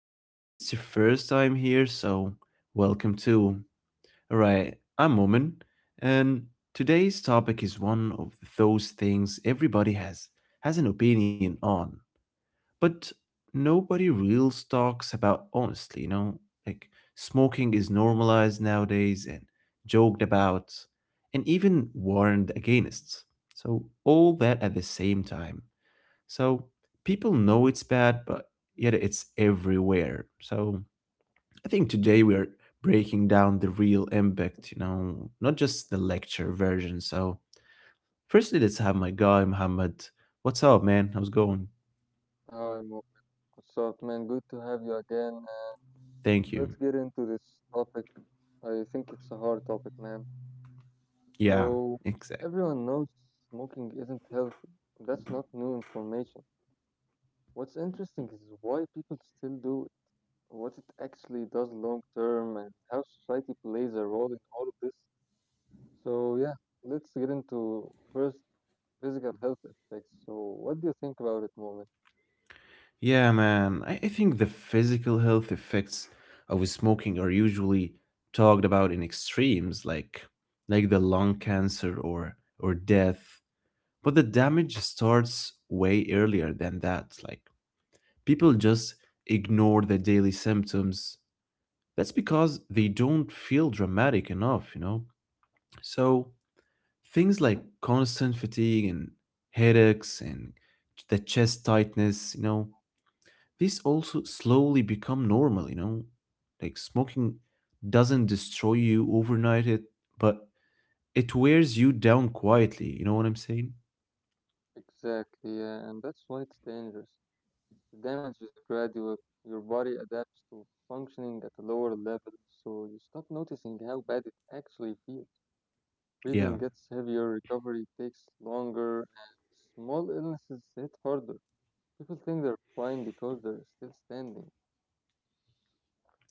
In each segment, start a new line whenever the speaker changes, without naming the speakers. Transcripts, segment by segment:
And if it's your first time here, welcome too. Alright, I'm Momin, and today's topic is one of those things everybody has an opinion on, but nobody real talks about honestly, you know? Like smoking is normalized nowadays and joked about and even warned against. So all that at the same time. So people know it's bad, but yet it's everywhere. So I think today we're breaking down the real impact, you know, not just the lecture version. So, firstly, let's have my guy, Muhammad. What's up, man? How's it going?
Hi, Mo. What's up, man? Good to have you again. And let's
Thank
get
you.
into this topic. I think it's a hard topic, man.
Yeah,
So,
exact.
everyone knows smoking isn't healthy. That's not new information. What's interesting is why people still do it, what it actually does long term, and how society plays a role in all of this. So, yeah, let's get into first physical health effects. So, what do you think about it, Moment?
Yeah, man. I think the physical health effects of smoking are usually talked about in extremes, like the lung cancer or death. But the damage starts way earlier than that. Like, people just ignore the daily symptoms. That's because they don't feel dramatic enough, you know? So, things like constant fatigue and headaches and the chest tightness, you know, these also slowly become normal, you know? Like, smoking doesn't destroy you overnight, but it wears you down quietly. You know what I'm saying?
Exactly, yeah, and that's why it's dangerous. The damage is gradual. Your body adapts to functioning at a lower level, so you stop noticing how bad it actually feels.
Yeah.
Breathing gets heavier, recovery takes longer, and small illnesses hit harder. People think they're fine because they're still standing.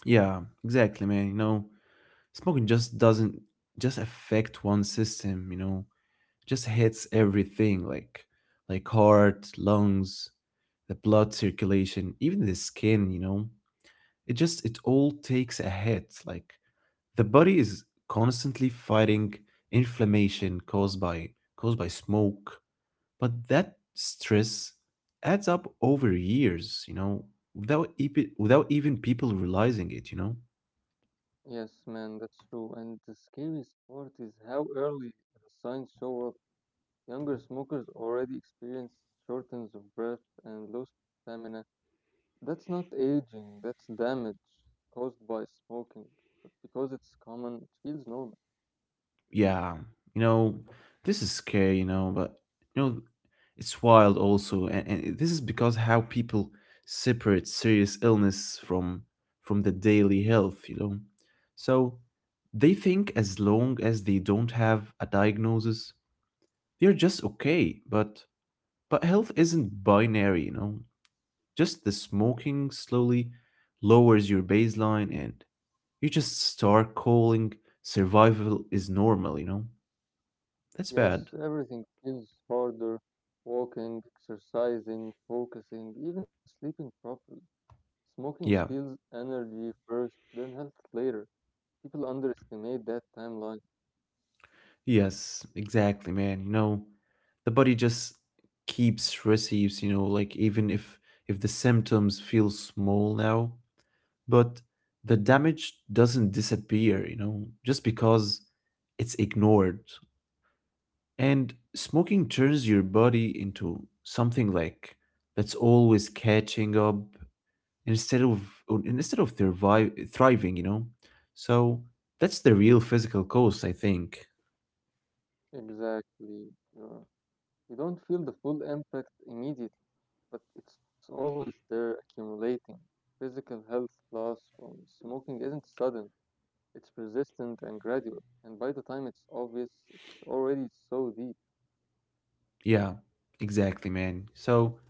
Yeah, exactly, man. You know, smoking just doesn't just affect one system, you know, just hits everything, like heart, lungs, the blood circulation, even the skin, you know. It just, it all takes a hit. Like the body is constantly fighting inflammation caused by smoke, but that stress adds up over years, you know, without without even people realizing it, you know.
Yes, man, that's true. And the scariest part is how early the signs show up. Younger smokers already experience shortness of breath and low stamina. That's not aging, that's damage caused by smoking. But because it's common, it feels normal.
Yeah, you know, this is scary, you know, but you know, it's wild also. And this is because how people separate serious illness from the daily health, you know. So they think as long as they don't have a diagnosis, they're just okay. But health isn't binary, you know. Just the smoking slowly lowers your baseline, and you just start calling survival is normal, you know. That's
Yes,
bad.
everything feels harder: walking, exercising, focusing, even sleeping properly. Smoking
Yeah.
steals energy first, then health later. People underestimate that timeline.
Yes, exactly, man. You know, the body just keeps receives, you know, like even if the symptoms feel small now, but the damage doesn't disappear, you know, just because it's ignored. And smoking turns your body into something like that's always catching up instead of survive, thriving, you know. So that's the real physical cost, I think.
Exactly. You're, you don't feel the full impact immediately, but it's always there accumulating. Physical health loss from smoking isn't sudden. It's persistent and gradual, and by the time it's obvious, it's already so deep.
Yeah, exactly, man. So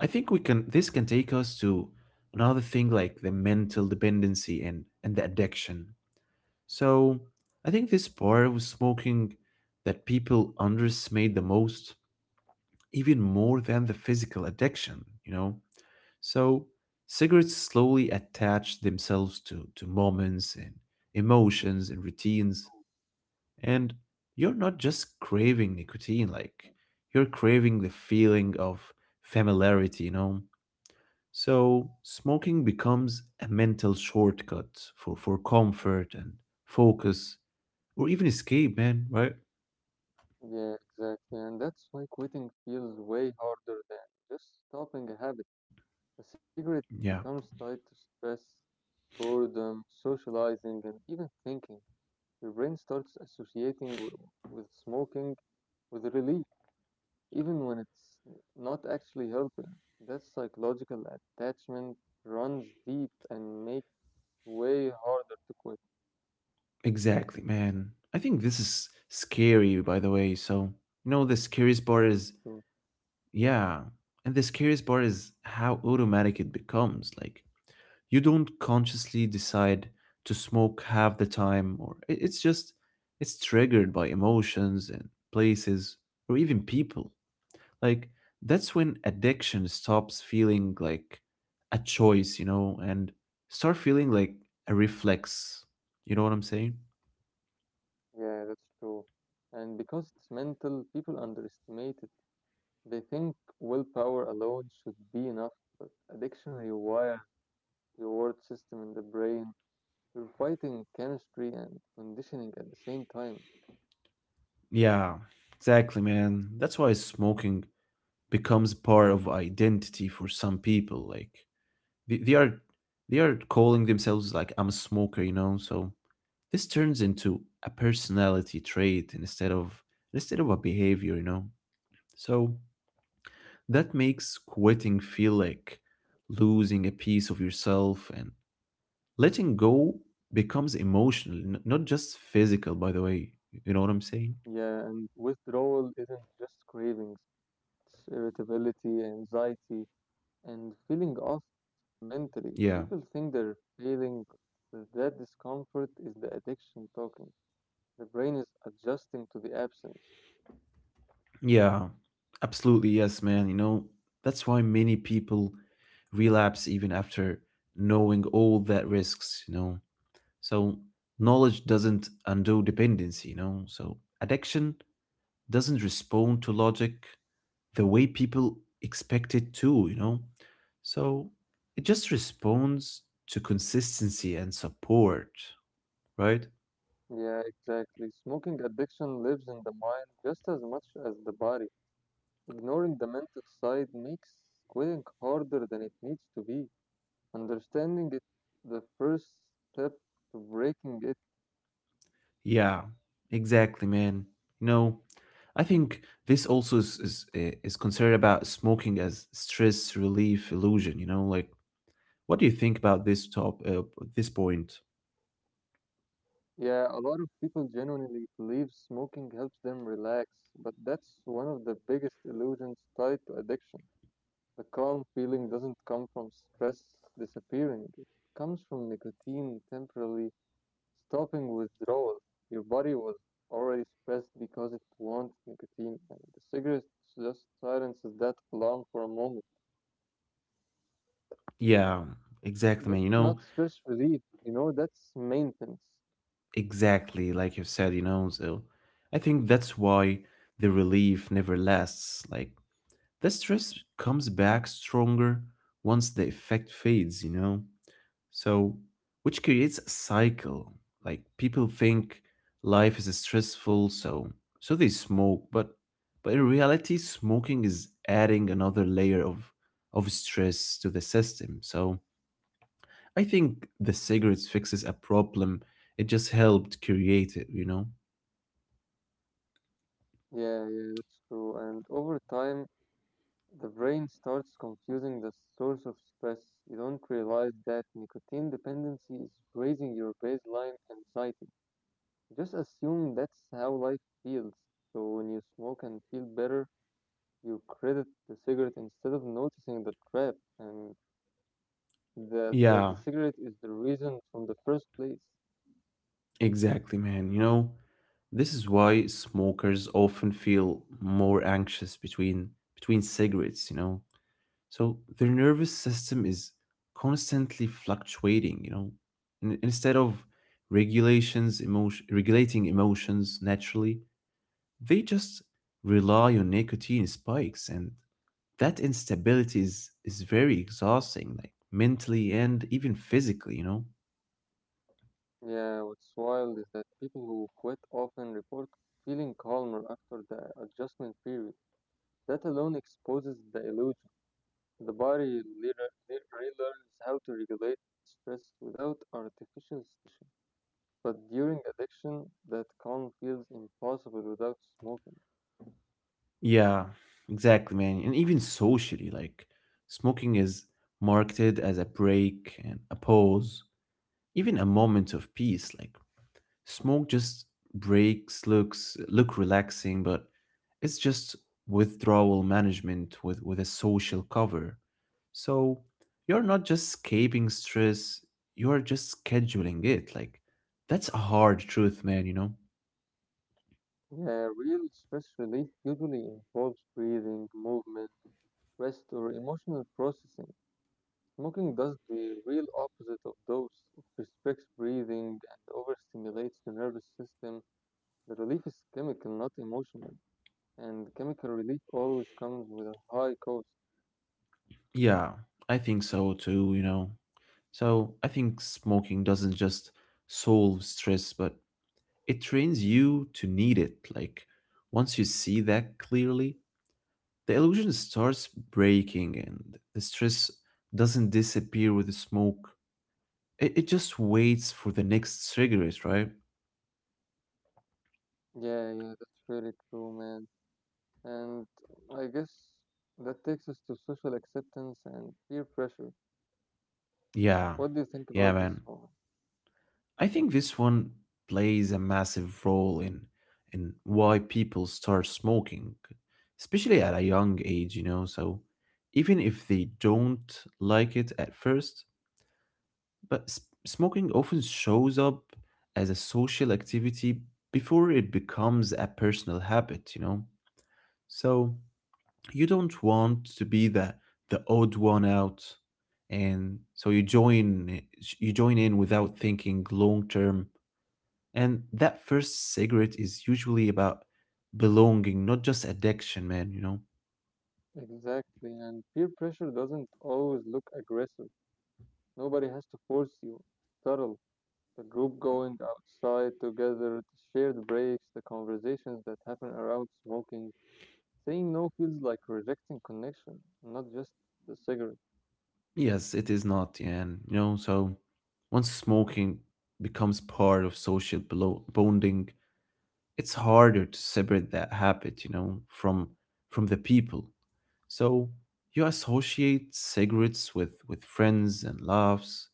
I think we can this can take us to another thing, like the mental dependency and the addiction. So I think this part with smoking that people underestimate the most, even more than the physical addiction, you know? So cigarettes slowly attach themselves to moments and emotions and routines, and you're not just craving nicotine. Like, you're craving the feeling of familiarity, you know? So, smoking becomes a mental shortcut for comfort and focus or even escape, man, right?
Yeah, exactly. And that's why quitting feels way harder than just stopping a habit. A cigarette
Yeah,
becomes tied to stress, boredom, socializing, and even thinking. Your brain starts with smoking with relief, even when it's not actually helping. That psychological attachment runs deep and makes way harder to quit.
exactly, man. I think this is scary, by the way. So, you know, the scariest part
Yeah,
is,
that's true.
yeah, and the scariest part is how automatic it becomes. Like, you don't consciously decide to smoke half the time, or it's just, it's triggered by emotions and places or even people. Like that's when addiction stops feeling like a choice, you know, and start feeling like a reflex. You know what I'm saying?
Yeah, that's true. And because it's mental, people underestimate it. They think willpower alone should be enough, but addiction rewires your reward system in the brain. You're fighting chemistry and conditioning at the same time.
Yeah, exactly, man. That's why smoking becomes part of identity for some people. Like they are they are calling themselves like, I'm a smoker, you know. So this turns into a personality trait instead of a behavior, you know. So that makes quitting feel like losing a piece of yourself, and letting go becomes emotional, not just physical, by the way. You know what I'm saying?
Yeah, and withdrawal isn't just cravings, it's irritability, anxiety, and feeling off mentally. People
Yeah.
think they're failing, but that discomfort is the addiction talking. The brain is adjusting to the absence.
Yeah. Absolutely, yes, man. You know, that's why many people relapse even after knowing all that risks, you know. So knowledge doesn't undo dependency, you know. So addiction doesn't respond to logic the way people expect it to, you know. So it just responds to consistency and support, right?
Yeah, exactly. Smoking addiction lives in the mind just as much as the body. Ignoring the mental side makes quitting harder than it needs to be. Understanding it the first step to breaking it.
Yeah, exactly, man. You know, I think this also is considered about smoking as stress relief illusion. You know, like what do you think about this top this point?
Yeah, a lot of people genuinely believe smoking helps them relax, but that's one of the biggest illusions tied to addiction. The calm feeling doesn't come from stress disappearing. It comes from nicotine temporarily stopping withdrawal. Your body was already stressed because it wants nicotine, and the cigarette just silences that alarm for a moment.
Yeah, exactly, man.
That's
You
not
know,
stress relief, you know, that's maintenance.
exactly, like you said, you know, so I think that's why the relief never lasts. Like the stress comes back stronger once the effect fades, you know? So, which creates a cycle. Like people think life is stressful, so they smoke, but in reality smoking is adding another layer of stress to the system. So, I think the cigarettes fixes a problem. It just helped create it, you know?
Yeah, yeah, that's true. And over time, the brain starts confusing the source of stress. You don't realize that nicotine dependency is raising your baseline anxiety. Just assume that's how life feels. So when you smoke and feel better, you credit the cigarette instead of noticing the trap and that the
Yeah,
cigarette is the reason from the first place.
exactly, man. You know, this is why smokers often feel more anxious between cigarettes, you know. So their nervous system is constantly fluctuating, you know. Instead of regulations emotion regulating emotions naturally, they just rely on nicotine spikes, and that instability is very exhausting, like mentally and even physically, you know.
Yeah, what's wild is that people who quit often report feeling calmer after the adjustment period. That alone exposes the illusion. The body relearns how to regulate stress without artificial stimulation. But during addiction, that calm feels impossible without smoking.
Yeah, exactly, man. And even socially, like smoking is marketed as a break and a pause, even a moment of peace. Like smoke just breaks, look relaxing, but it's just withdrawal management with a social cover. So you're not just escaping stress, you're just scheduling it. Like that's a hard truth, man, you know?
Yeah, real stress relief usually involves breathing, movement, rest, or emotional processing. Smoking does the real opposite of those. It restricts breathing and overstimulates the nervous system. The relief is chemical, not emotional, and chemical relief always comes with a high cost.
Yeah, I think so too, you know. So I think smoking doesn't just solve stress, but it trains you to need it. Like once you see that clearly, the illusion starts breaking, and the stress doesn't disappear with the smoke. It just waits for the next cigarette, right?
Yeah, yeah, that's really true, man. And I guess that takes us to social acceptance and peer pressure. What do
Yeah.
you think about
Yeah,
this,
man.
one?
I think this one plays a massive role in why people start smoking, especially at a young age, you know. So even if they don't like it at first, but smoking often shows up as a social activity before it becomes a personal habit, you know. So you don't want to be the odd one out, and so you join in without thinking long term, and that first cigarette is usually about belonging, not just addiction, man, you know?
Exactly, and peer pressure doesn't always look aggressive. Nobody has to force you. It's subtle. The group going outside together, the shared breaks, the conversations that happen around smoking. Saying no feels like rejecting connection, not just the cigarette.
Yes, it is not, and you know, so once smoking becomes part of social bonding, it's harder to separate that habit, you know, from the people. So you associate cigarettes with friends and laughs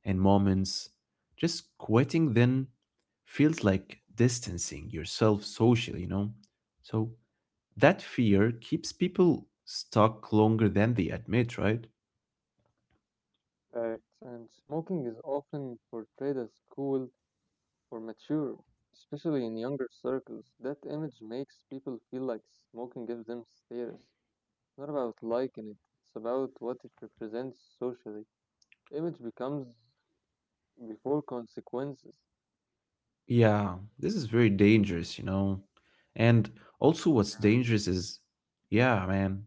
and moments. Just quitting then feels like distancing yourself socially, you know? So that fear keeps people stuck longer than they admit, right?
Correct. And smoking is often portrayed as cool or mature, especially in younger circles. That image makes people feel like smoking gives them status. It's not about liking it, it's about what it represents socially. Image becomes before consequences.
Yeah, this is very dangerous, you know. And also what's dangerous is yeah, man.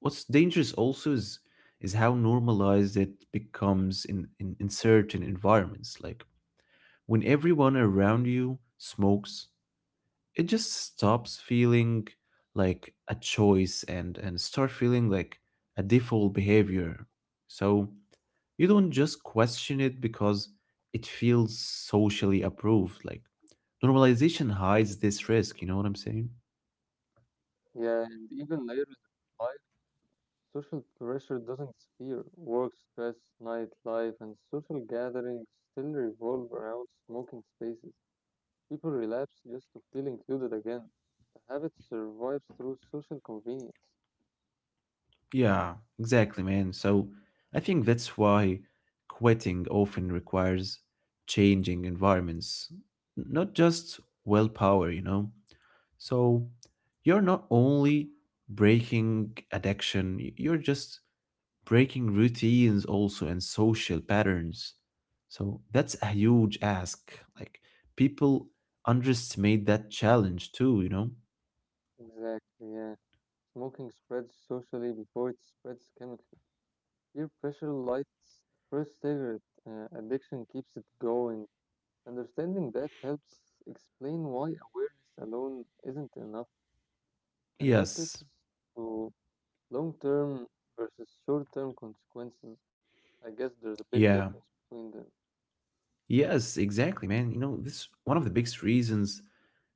What's dangerous also is how normalized it becomes in certain environments. Like when everyone around you smokes, it just stops feeling like a choice, and start feeling like a default behavior. So you don't just question it because it feels socially approved. Like normalization hides this risk, you know what I'm saying?
Yeah, and even later in life, social pressure doesn't disappear. Work stress, nightlife, and social gatherings still revolve around smoking spaces. People relapse just to feel included again. The habit survives through social convenience.
Yeah, exactly, man. So I think that's why quitting often requires changing environments, not just willpower, you know? So you're not only breaking addiction, you're just breaking routines also and social patterns. So that's a huge ask. Like people underestimate that challenge too, you know?
Exactly, yeah. Smoking spreads socially before it spreads chemically. Peer pressure lights the first cigarette. Addiction keeps it going. Understanding that helps explain why awareness alone isn't enough, and that
Yes.
takes us to long term versus short term consequences. I guess there's a big
Yeah.
difference between them.
Yes, exactly, man. You know, this one of the biggest reasons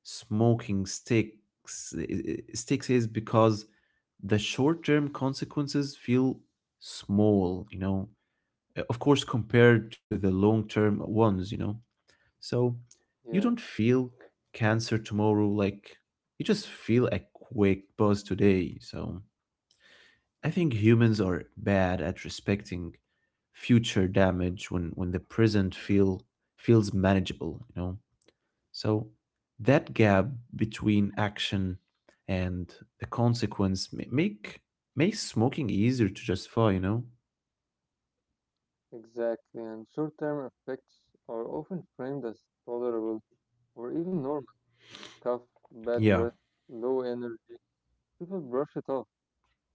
smoking sticks sticks is because the short-term consequences feel small, you know. Of course compared to the long-term ones, you know. So you
Yeah,
don't feel cancer tomorrow, like you just feel a quick buzz today. So I think humans are bad at respecting future damage when the present feels manageable, you know. So that gap between action and the consequence makes smoking easier to justify, you know.
exactly. And short term effects are often framed as tolerable or even normal: cough, bad
Yeah.
breath, low energy. People brush it off.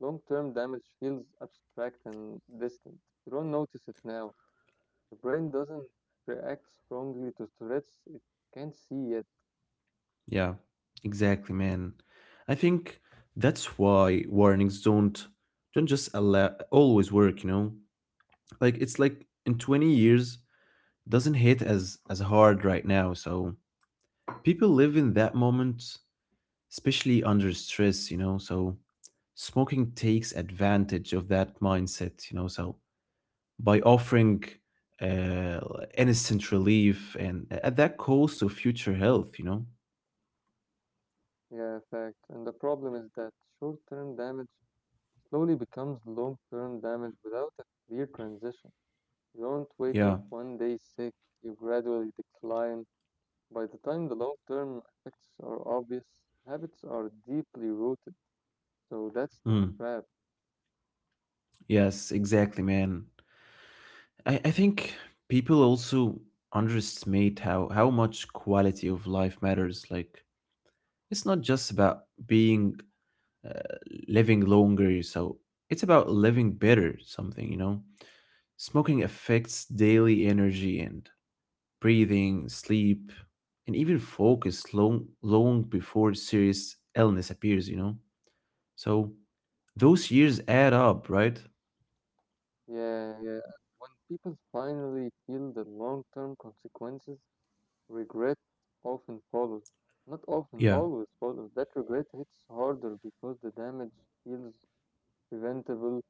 Long-term damage feels abstract and distant. You don't notice it now. The brain doesn't react strongly to threats it can't see yet.
Yeah, exactly, man. I think that's why warnings don't always work, you know? Like it's like in 20 years doesn't hit as hard right now. So people live in that moment, especially under stress, you know? So smoking takes advantage of that mindset, you know? So by offering uh instant relief and at that cost of future health, you know?
Yeah, fact. And the problem is that short-term damage slowly becomes long-term damage without a clear transition. You don't wake up
Yeah.
one day sick, you gradually decline. By the time the long-term effects are obvious, habits are deeply rooted. So that's the
Mm.
trap.
Yes, exactly, man. I think people also underestimate how much quality of life matters. Like, it's not just about being uh, living longer, so it's about living better, something, you know? Smoking affects daily energy and breathing, sleep, and even focus long before serious illness appears, you know? So, those years add up, right?
Yeah, yeah. And when people finally feel the long-term consequences, regret often follows. Not often,
Yeah.
always follows. That regret hits harder because the damage feels preventable.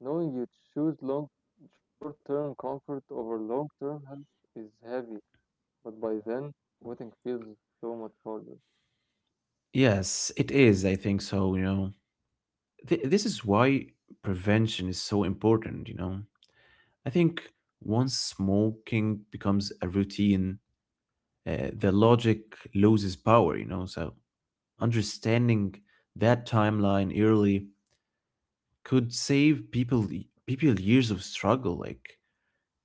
Knowing you choose long, short-term comfort over long-term health is heavy, but by then, quitting feels so much harder.
Yes, it is. I think so, you know. This is why prevention is so important, you know. I think once smoking becomes a routine, the logic loses power, you know. So understanding that timeline early could save people years of struggle. Like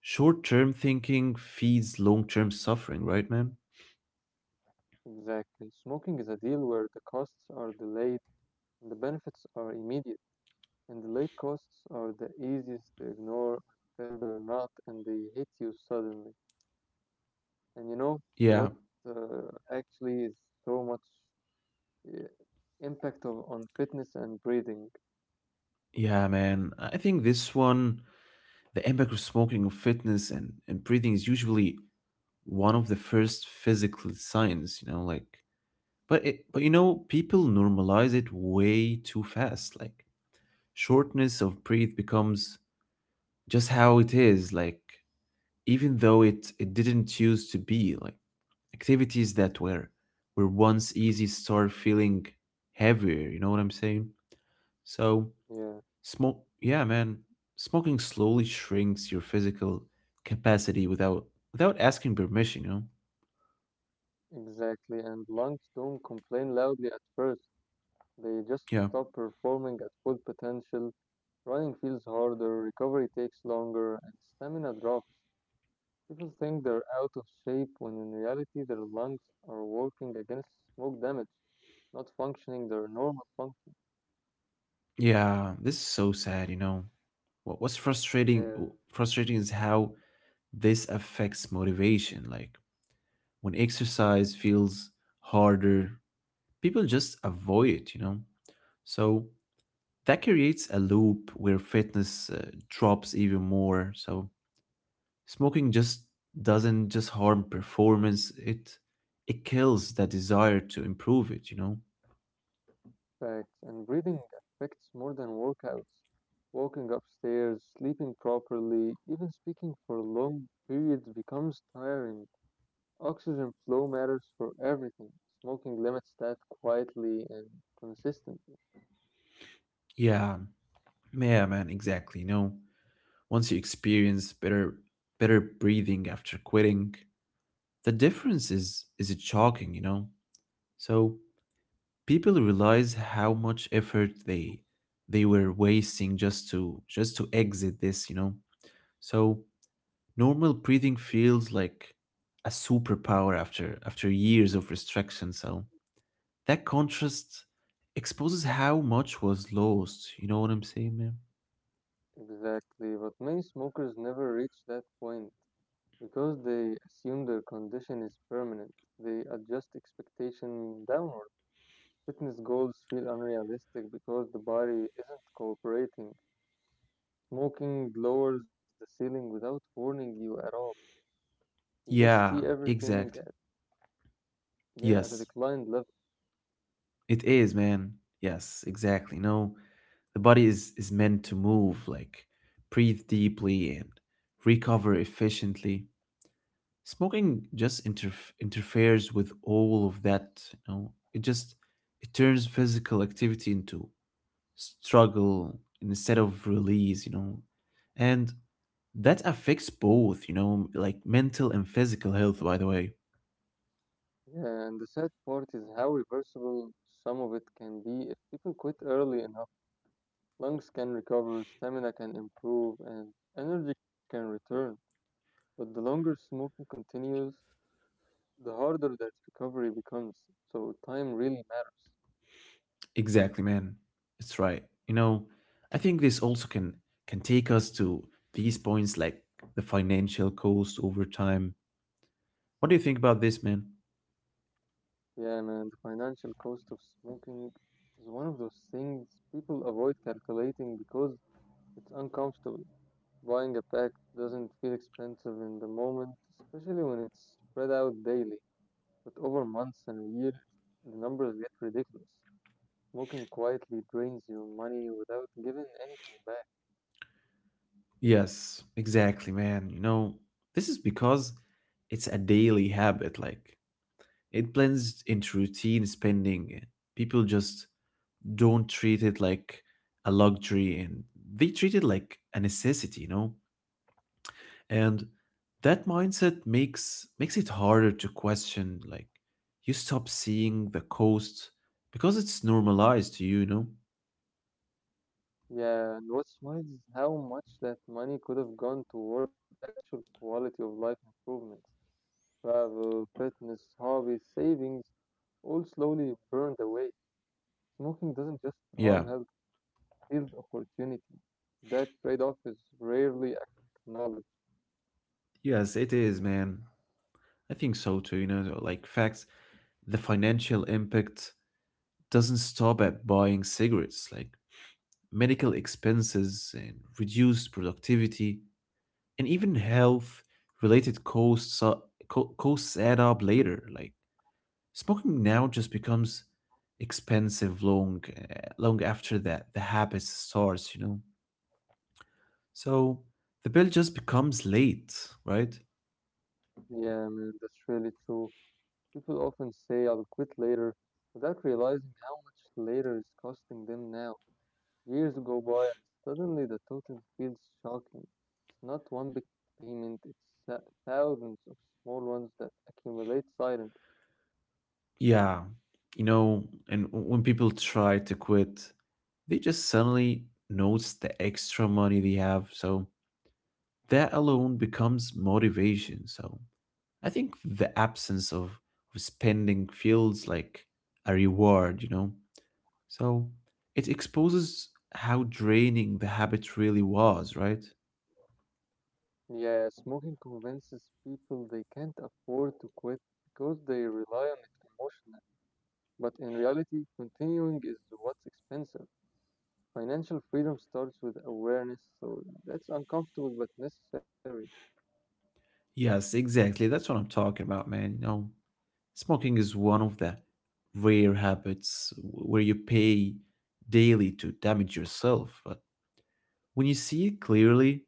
short-term thinking feeds long-term suffering, right, man?
Exactly. Smoking is a deal where the costs are delayed and the benefits are immediate. And the late costs are the easiest to ignore until they're not and they hit you suddenly. And you know what
Yeah.
actually is so much uh, impact of, on fitness and breathing.
Yeah, man. I think this one, the impact of smoking on fitness and breathing is usually one of the first physical signs, you know, like but people normalize it way too fast. Like shortness of breath becomes just how it is, like even though it didn't used to be, like activities that were once easy start feeling heavier, you know what I'm saying? So
Yeah,
smoke yeah, man, smoking slowly shrinks your physical capacity without asking permission, you know?
exactly. And lungs don't complain loudly at first. They just
Yeah.
stop performing at full potential. Running feels harder, recovery takes longer, and stamina drops. People think they're out of shape when in reality their lungs are working against smoke damage, not functioning their normal function.
Yeah, this is so sad, you know. What what's frustrating
Yeah,
frustrating is how this affects motivation. Like when exercise feels harder, people just avoid it. So that creates a loop where fitness drops even more. So smoking just doesn't just harm performance, it kills that desire to improve it.
facts. And breathing affects more than workouts. Walking upstairs, sleeping properly, even speaking for long periods becomes tiring. Oxygen flow matters for everything. Smoking limits that quietly and consistently.
Yeah, yeah, man, exactly, you know. Once you experience better breathing after quitting, the difference is shocking, you know? So people realize how much effort they were wasting just to exit this, you know? So normal breathing feels like a superpower after years of restriction. So that contrast exposes how much was lost. You know what I'm saying, man?
Exactly, but many smokers never reach that point because they assume their condition is permanent. They adjust expectation downward. Fitness goals feel unrealistic because the body isn't cooperating. Smoking lowers the ceiling without warning you at all. You just see
Yeah,
everything, at,
exactly.
Yeah, at a
Yes.
declined level.
It is, man. Yes, exactly. No, the body is meant to move, like breathe deeply and recover efficiently. Smoking just interferes with all of that, you know. It just it turns physical activity into struggle instead of release, you know. And that affects both, you know, like mental and physical health, by the way.
Yeah, and the sad part is how reversible some of it can be if people quit early enough. Lungs can recover, stamina can improve, and energy can return. But the longer smoking continues, the harder that recovery becomes. So time really matters.
Exactly, man. It's right. You know, I think this also can take us to these points, like the financial cost over time. What do you think about this, man?
Yeah, man, the financial cost of smoking is one of those things people avoid calculating because it's uncomfortable. Buying a pack doesn't feel expensive in the moment, especially when it's spread out daily. But over months and years, the numbers get ridiculous. Smoking quietly drains your money without giving anything back.
Yes, exactly, man. You know, this is because it's a daily habit. Like it blends into routine spending. People just don't treat it like a luxury and they treat it like a necessity, you know? And that mindset makes it harder to question, like you stop seeing the cost because it's normalized to you, you know.
Yeah, and what's wild is how much that money could have gone toward actual quality of life improvements. Travel, fitness, hobbies, savings, all slowly burned away. Smoking doesn't just harm
Yeah.
health, it steals opportunity. That trade off is rarely acknowledged.
Yes, it is, man. I think so too, you know. So, like facts, the financial impact doesn't stop at buying cigarettes, like medical expenses and reduced productivity and even health related costs are, costs add up later, like smoking now just becomes expensive long long after that the habit starts, you know. So the bill just becomes late, right?
Yeah, man, that's really true. People often say I'll quit later without realizing how much later is costing them now. Years go by and suddenly the total feels shocking. It's not one big payment, it's uh, thousands of small ones that accumulate silently.
Yeah, you know, and when people try to quit, they just suddenly notice the extra money they have. So that alone becomes motivation. So I think the absence of spending feels like a reward, you know. So it exposes how draining the habit really was, right?
Yeah, smoking convinces people they can't afford to quit because they rely on it emotionally. But in reality, continuing is what's expensive. Financial freedom starts with awareness, so that's uncomfortable but necessary.
Yes, exactly. That's what I'm talking about, man. You know, smoking is one of the rare habits where you pay daily to damage yourself. But when you see it clearly,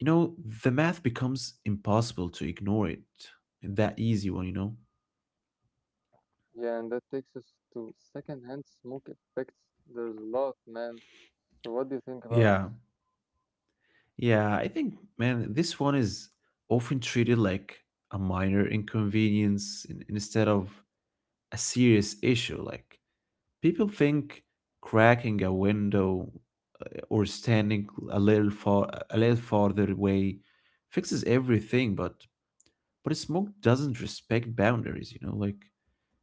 you know, the math becomes impossible to ignore it. That easy one, you know?
Yeah, and that takes us to secondhand smoke effects. There's a lot, man. So, what do you think about this?
Yeah. Yeah, I think, man, this one is often treated like a minor inconvenience instead of a serious issue. Like people think cracking a window or standing a little farther away fixes everything, but smoke doesn't respect boundaries. You know, like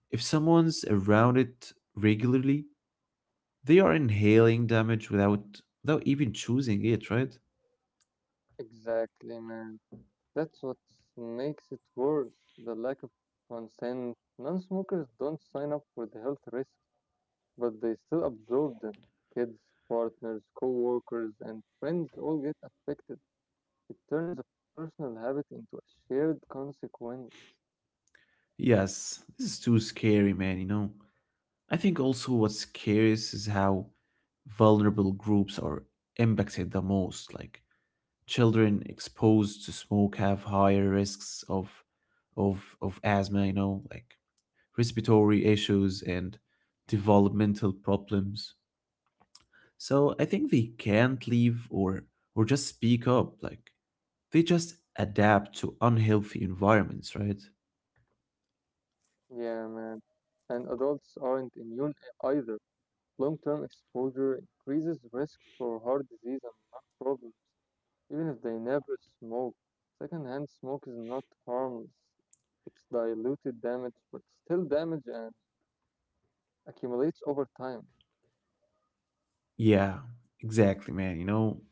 if someone's around it regularly, they are inhaling damage without even choosing it, right?
Exactly, man. That's what makes it worse: the lack of consent. Non smokers don't sign up for the health risks, but they still absorb them. Kids, partners, co-workers, and friends all get affected. It turns a personal habit into a shared consequence.
Yes, this is too scary, man. You know, I think also what's scary is how vulnerable groups are impacted the most. Like children exposed to smoke have higher risks of asthma, you know, like respiratory issues and developmental problems. So I think they can't leave or just speak up, like they just adapt to unhealthy environments, right?
Yeah, man. And adults aren't immune either. Long-term exposure increases risks for heart disease and lung problems, even if they never smoke. Secondhand smoke is not harmless. It's diluted damage, but still damage and accumulates over time.
Yeah, exactly, man. You know,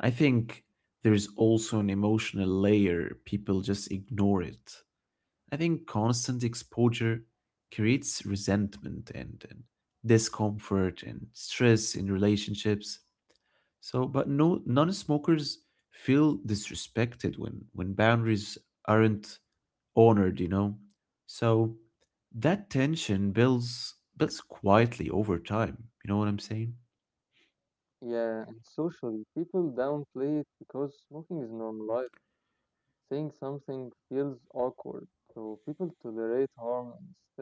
I think there's also an emotional layer, people just ignore it. I think constant exposure creates resentment and discomfort and stress in relationships. So, but no non-smokers feel disrespected when boundaries aren't honored, you know. So that tension builds quietly over time. You know what I'm saying?
Yeah, and socially, people downplay it because smoking is normalized. Saying something feels awkward, so people tolerate harm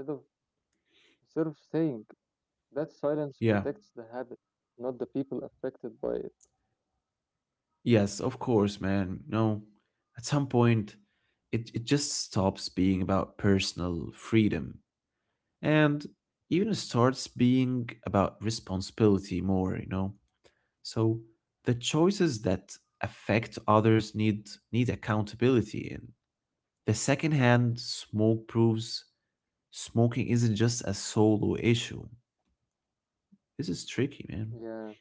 instead of saying. That silence
Yeah.
protects the habit, not the people affected by it.
Yes, of course, man. No, at some point, it just stops being about personal freedom and even starts being about responsibility more, you know. So the choices that affect others need accountability, and the secondhand smoke proves smoking isn't just a solo issue. This is tricky, man.
Yeah,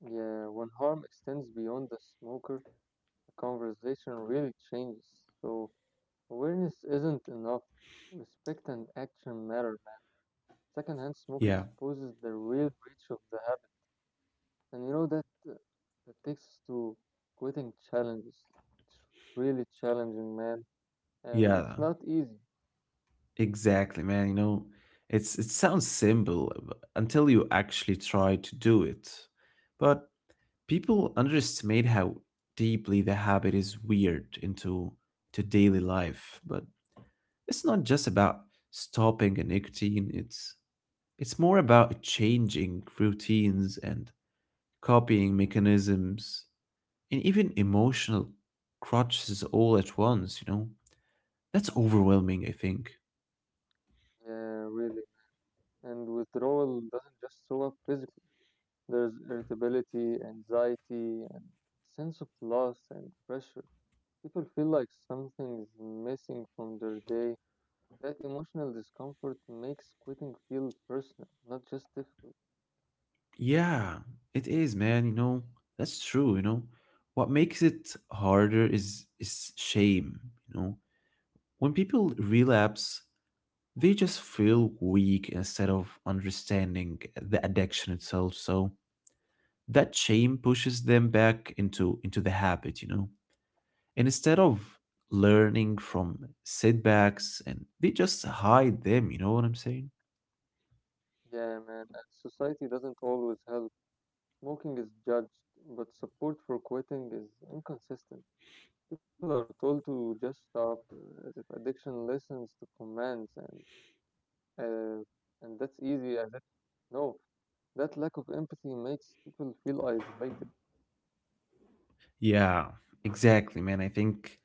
yeah. When harm extends beyond the smoker, the conversation really changes. So awareness isn't enough. Respect and action matter. Secondhand smoke
Yeah,
exposes the real reach of the habit. And you know uh, that takes us to quitting challenges. It's really challenging, man, and it's not
yeah,
easy.
exactly, man. You know, it's it sounds simple until you actually try to do it. But people underestimate how deeply the habit is weird into to daily life, but it's not just about stopping a nicotine, it's more about changing routines and copying mechanisms and even emotional crutches all at once, you know. That's overwhelming, I think.
Yeah, really. And withdrawal doesn't just show up physically. There's irritability, anxiety, and sense of loss and pressure. People feel like something is missing from their day. That emotional discomfort makes quitting feel personal, not just difficult.
Yeah, it is, man. You know, that's true, you know. What makes it harder is shame, you know. When people relapse, they just feel weak instead of understanding the addiction itself. So that shame pushes them back into the habit, you know. And instead of learning from setbacks, and they just hide them, you know what I'm saying?
Yeah, man, and society doesn't always help. Smoking is judged, but support for quitting is inconsistent. People are told to just stop, as if addiction listens to commands, uh, and that's easy. As if no, that lack of empathy makes people feel isolated.
Yeah, exactly, man. I think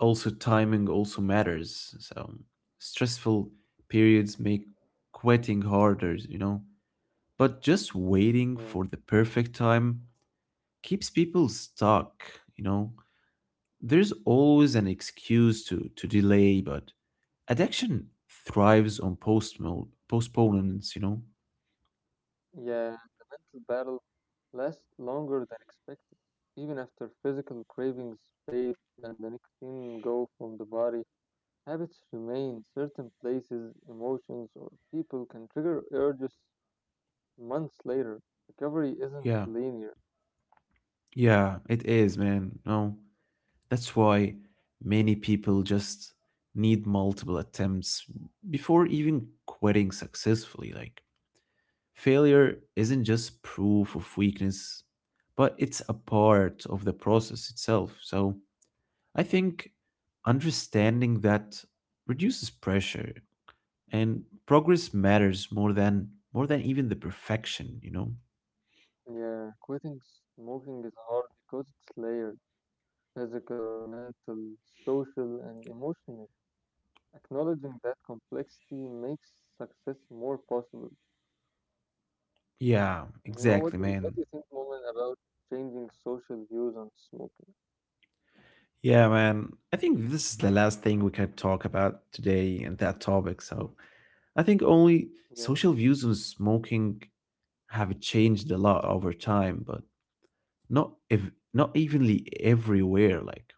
also timing also matters. So stressful periods make quitting harder, you know. But just waiting for
Yeah,
the perfect time keeps people stuck, you know. There's always an excuse to delay, but addiction thrives on postponements, you know?
yeah. And the mental battle lasts longer than expected. Even after physical cravings fade and the nicotine go from the body, habits remain. Certain places, emotions, or people can trigger urges months later. Recovery isn't
Yeah.
linear.
Yeah, it is, man. No, that's why many people just need multiple attempts before even quitting successfully. Like, failure isn't just proof of weakness, but it's a part of the process itself. So, I think understanding that reduces pressure, and progress matters more than even the perfection, you know.
Yeah, quitting smoking is hard because it's layered: physical, mental, social, and emotional. Acknowledging that complexity makes success more possible.
Yeah,
And you know,
exactly,
what do you,
man.
what do you think, Moment, about changing social views on smoking?
Yeah, man, I think this is the last thing we can talk about today in that topic. So I think only social
Yeah,
views on smoking have changed a lot over time, but not if not evenly everywhere. Like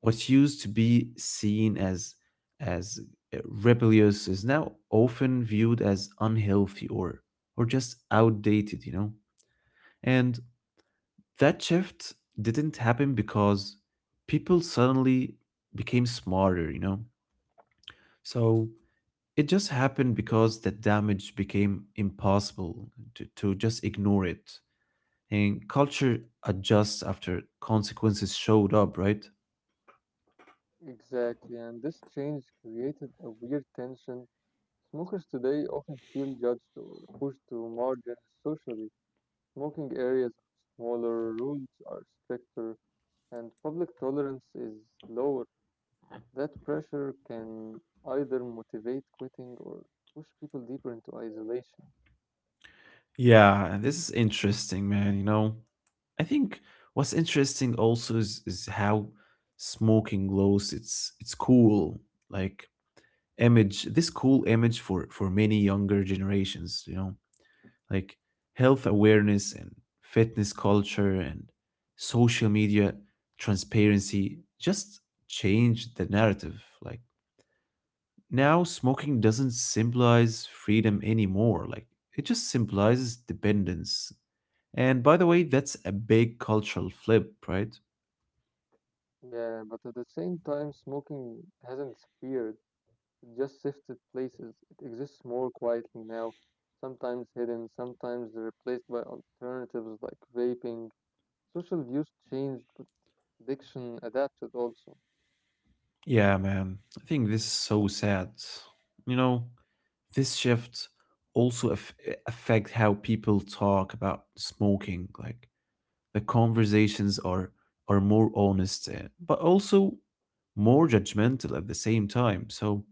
what used to be seen as as uh, rebellious is now often viewed as unhealthy or just outdated, you know. And that shift didn't happen because people suddenly became smarter, you know? So it just happened because that damage became impossible to just ignore it. And culture adjusts after consequences showed up, right?
exactly. And this change created a weird tension. Smokers today often feel judged or pushed to margins socially. Smoking areas are smaller, rules are stricter, and public tolerance is lower. That pressure can either motivate quitting or push people deeper into isolation.
Yeah, this is interesting, man. You know, I think what's interesting also is how smoking glows. It's cool. Like image this cool image for many younger generations, you know, like health awareness and fitness culture and social media transparency just changed the narrative. Like now smoking doesn't symbolize freedom anymore, like it just symbolizes dependence, and by the way that's a big cultural flip, right?
Yeah, but at the same time, smoking hasn't disappeared. It just shifted places. It exists more quietly now, sometimes hidden, sometimes replaced by alternatives like vaping. Social views changed, but addiction adapted also.
Yeah, man, I think this is so sad, you know. This shift also affect how people talk about smoking, like the conversations are more honest, but also more judgmental at the same time. So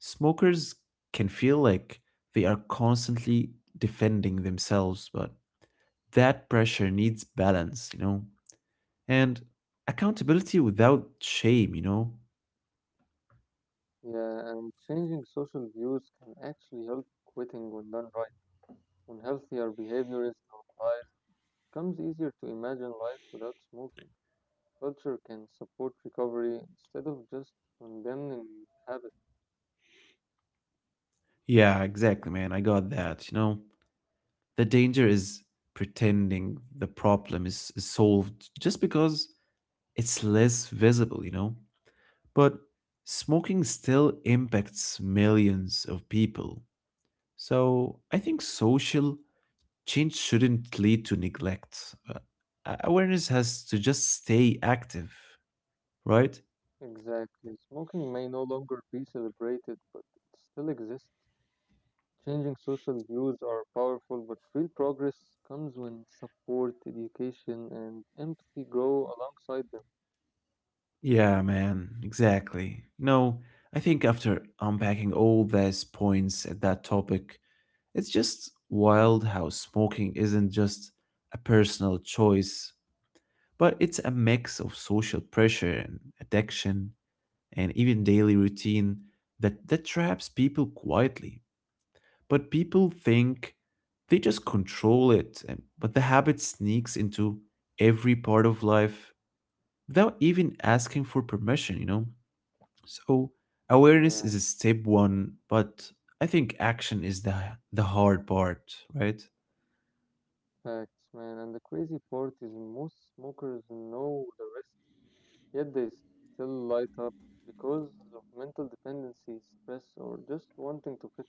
smokers can feel like they are constantly defending themselves, but that pressure needs balance, you know. And accountability without shame, you know.
Yeah, and changing social views can actually help quitting when done right. When healthier behavior is normalized, it becomes easier to imagine life without smoking. Culture can support recovery instead of just condemning the habit.
Yeah, exactly, man, I got that, you know. The danger is pretending the problem is solved just because it's less visible, you know? But smoking still impacts millions of people. So I think social change shouldn't lead to neglect. Awareness has to just stay active, right?
Exactly. Smoking may no longer be celebrated, but it still exists. Changing social views are powerful, but real progress comes when support, education, and empathy grow alongside
Yeah, man, exactly. No, I think after unpacking all these points at that topic, it's just wild how smoking isn't just a personal choice, but it's a mix of social pressure and addiction and even daily routine that traps people quietly. But people think they just control it, and but the habit sneaks into every part of life without even asking for permission, you know? So,
them.
awareness
Yeah.
is a step one, but I think action is the hard part, right?
Facts, man. And the crazy part is most smokers know the risks, yet they still light up because of mental dependency, stress, or just wanting to fit in.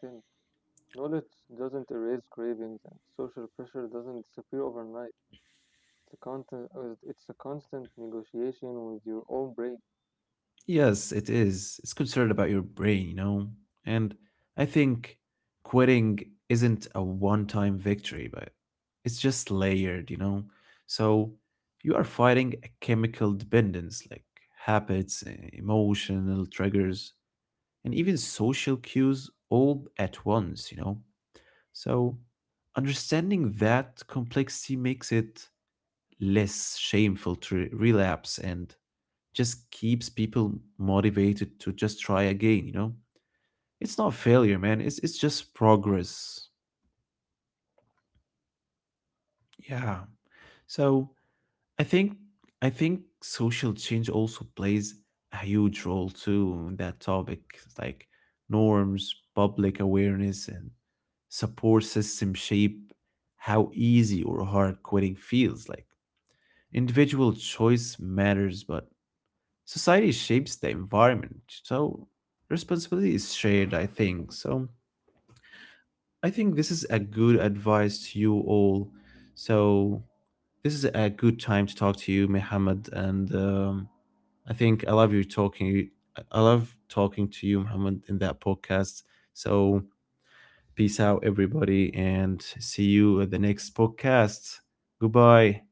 Knowledge doesn't erase cravings, and social pressure doesn't disappear overnight. It's a constant, it's a constant negotiation with your own brain.
Yes, it is. It's concerned about your brain, you know? And I think quitting isn't a one time victory, but it's just layered, you know? So you are fighting a chemical dependence, like habits, eh, emotional triggers, and even social cues all at once, you know? So understanding that complexity makes it less shameful to relapse and just keeps people motivated to just try again, you know. It's not failure, man, it's just progress. Yeah. So I think I think social change also plays a huge role too in that topic, like norms, public awareness and support system shape how easy or hard quitting feels. Like individual choice matters, but society shapes the environment, so responsibility is shared, I think. So I think this is a good advice to you all. So this is a good time to talk to you, Muhammad, and I think I love you talking. I love talking to you, Muhammad, in that podcast. So peace out, everybody, and see you at the next podcast. Goodbye.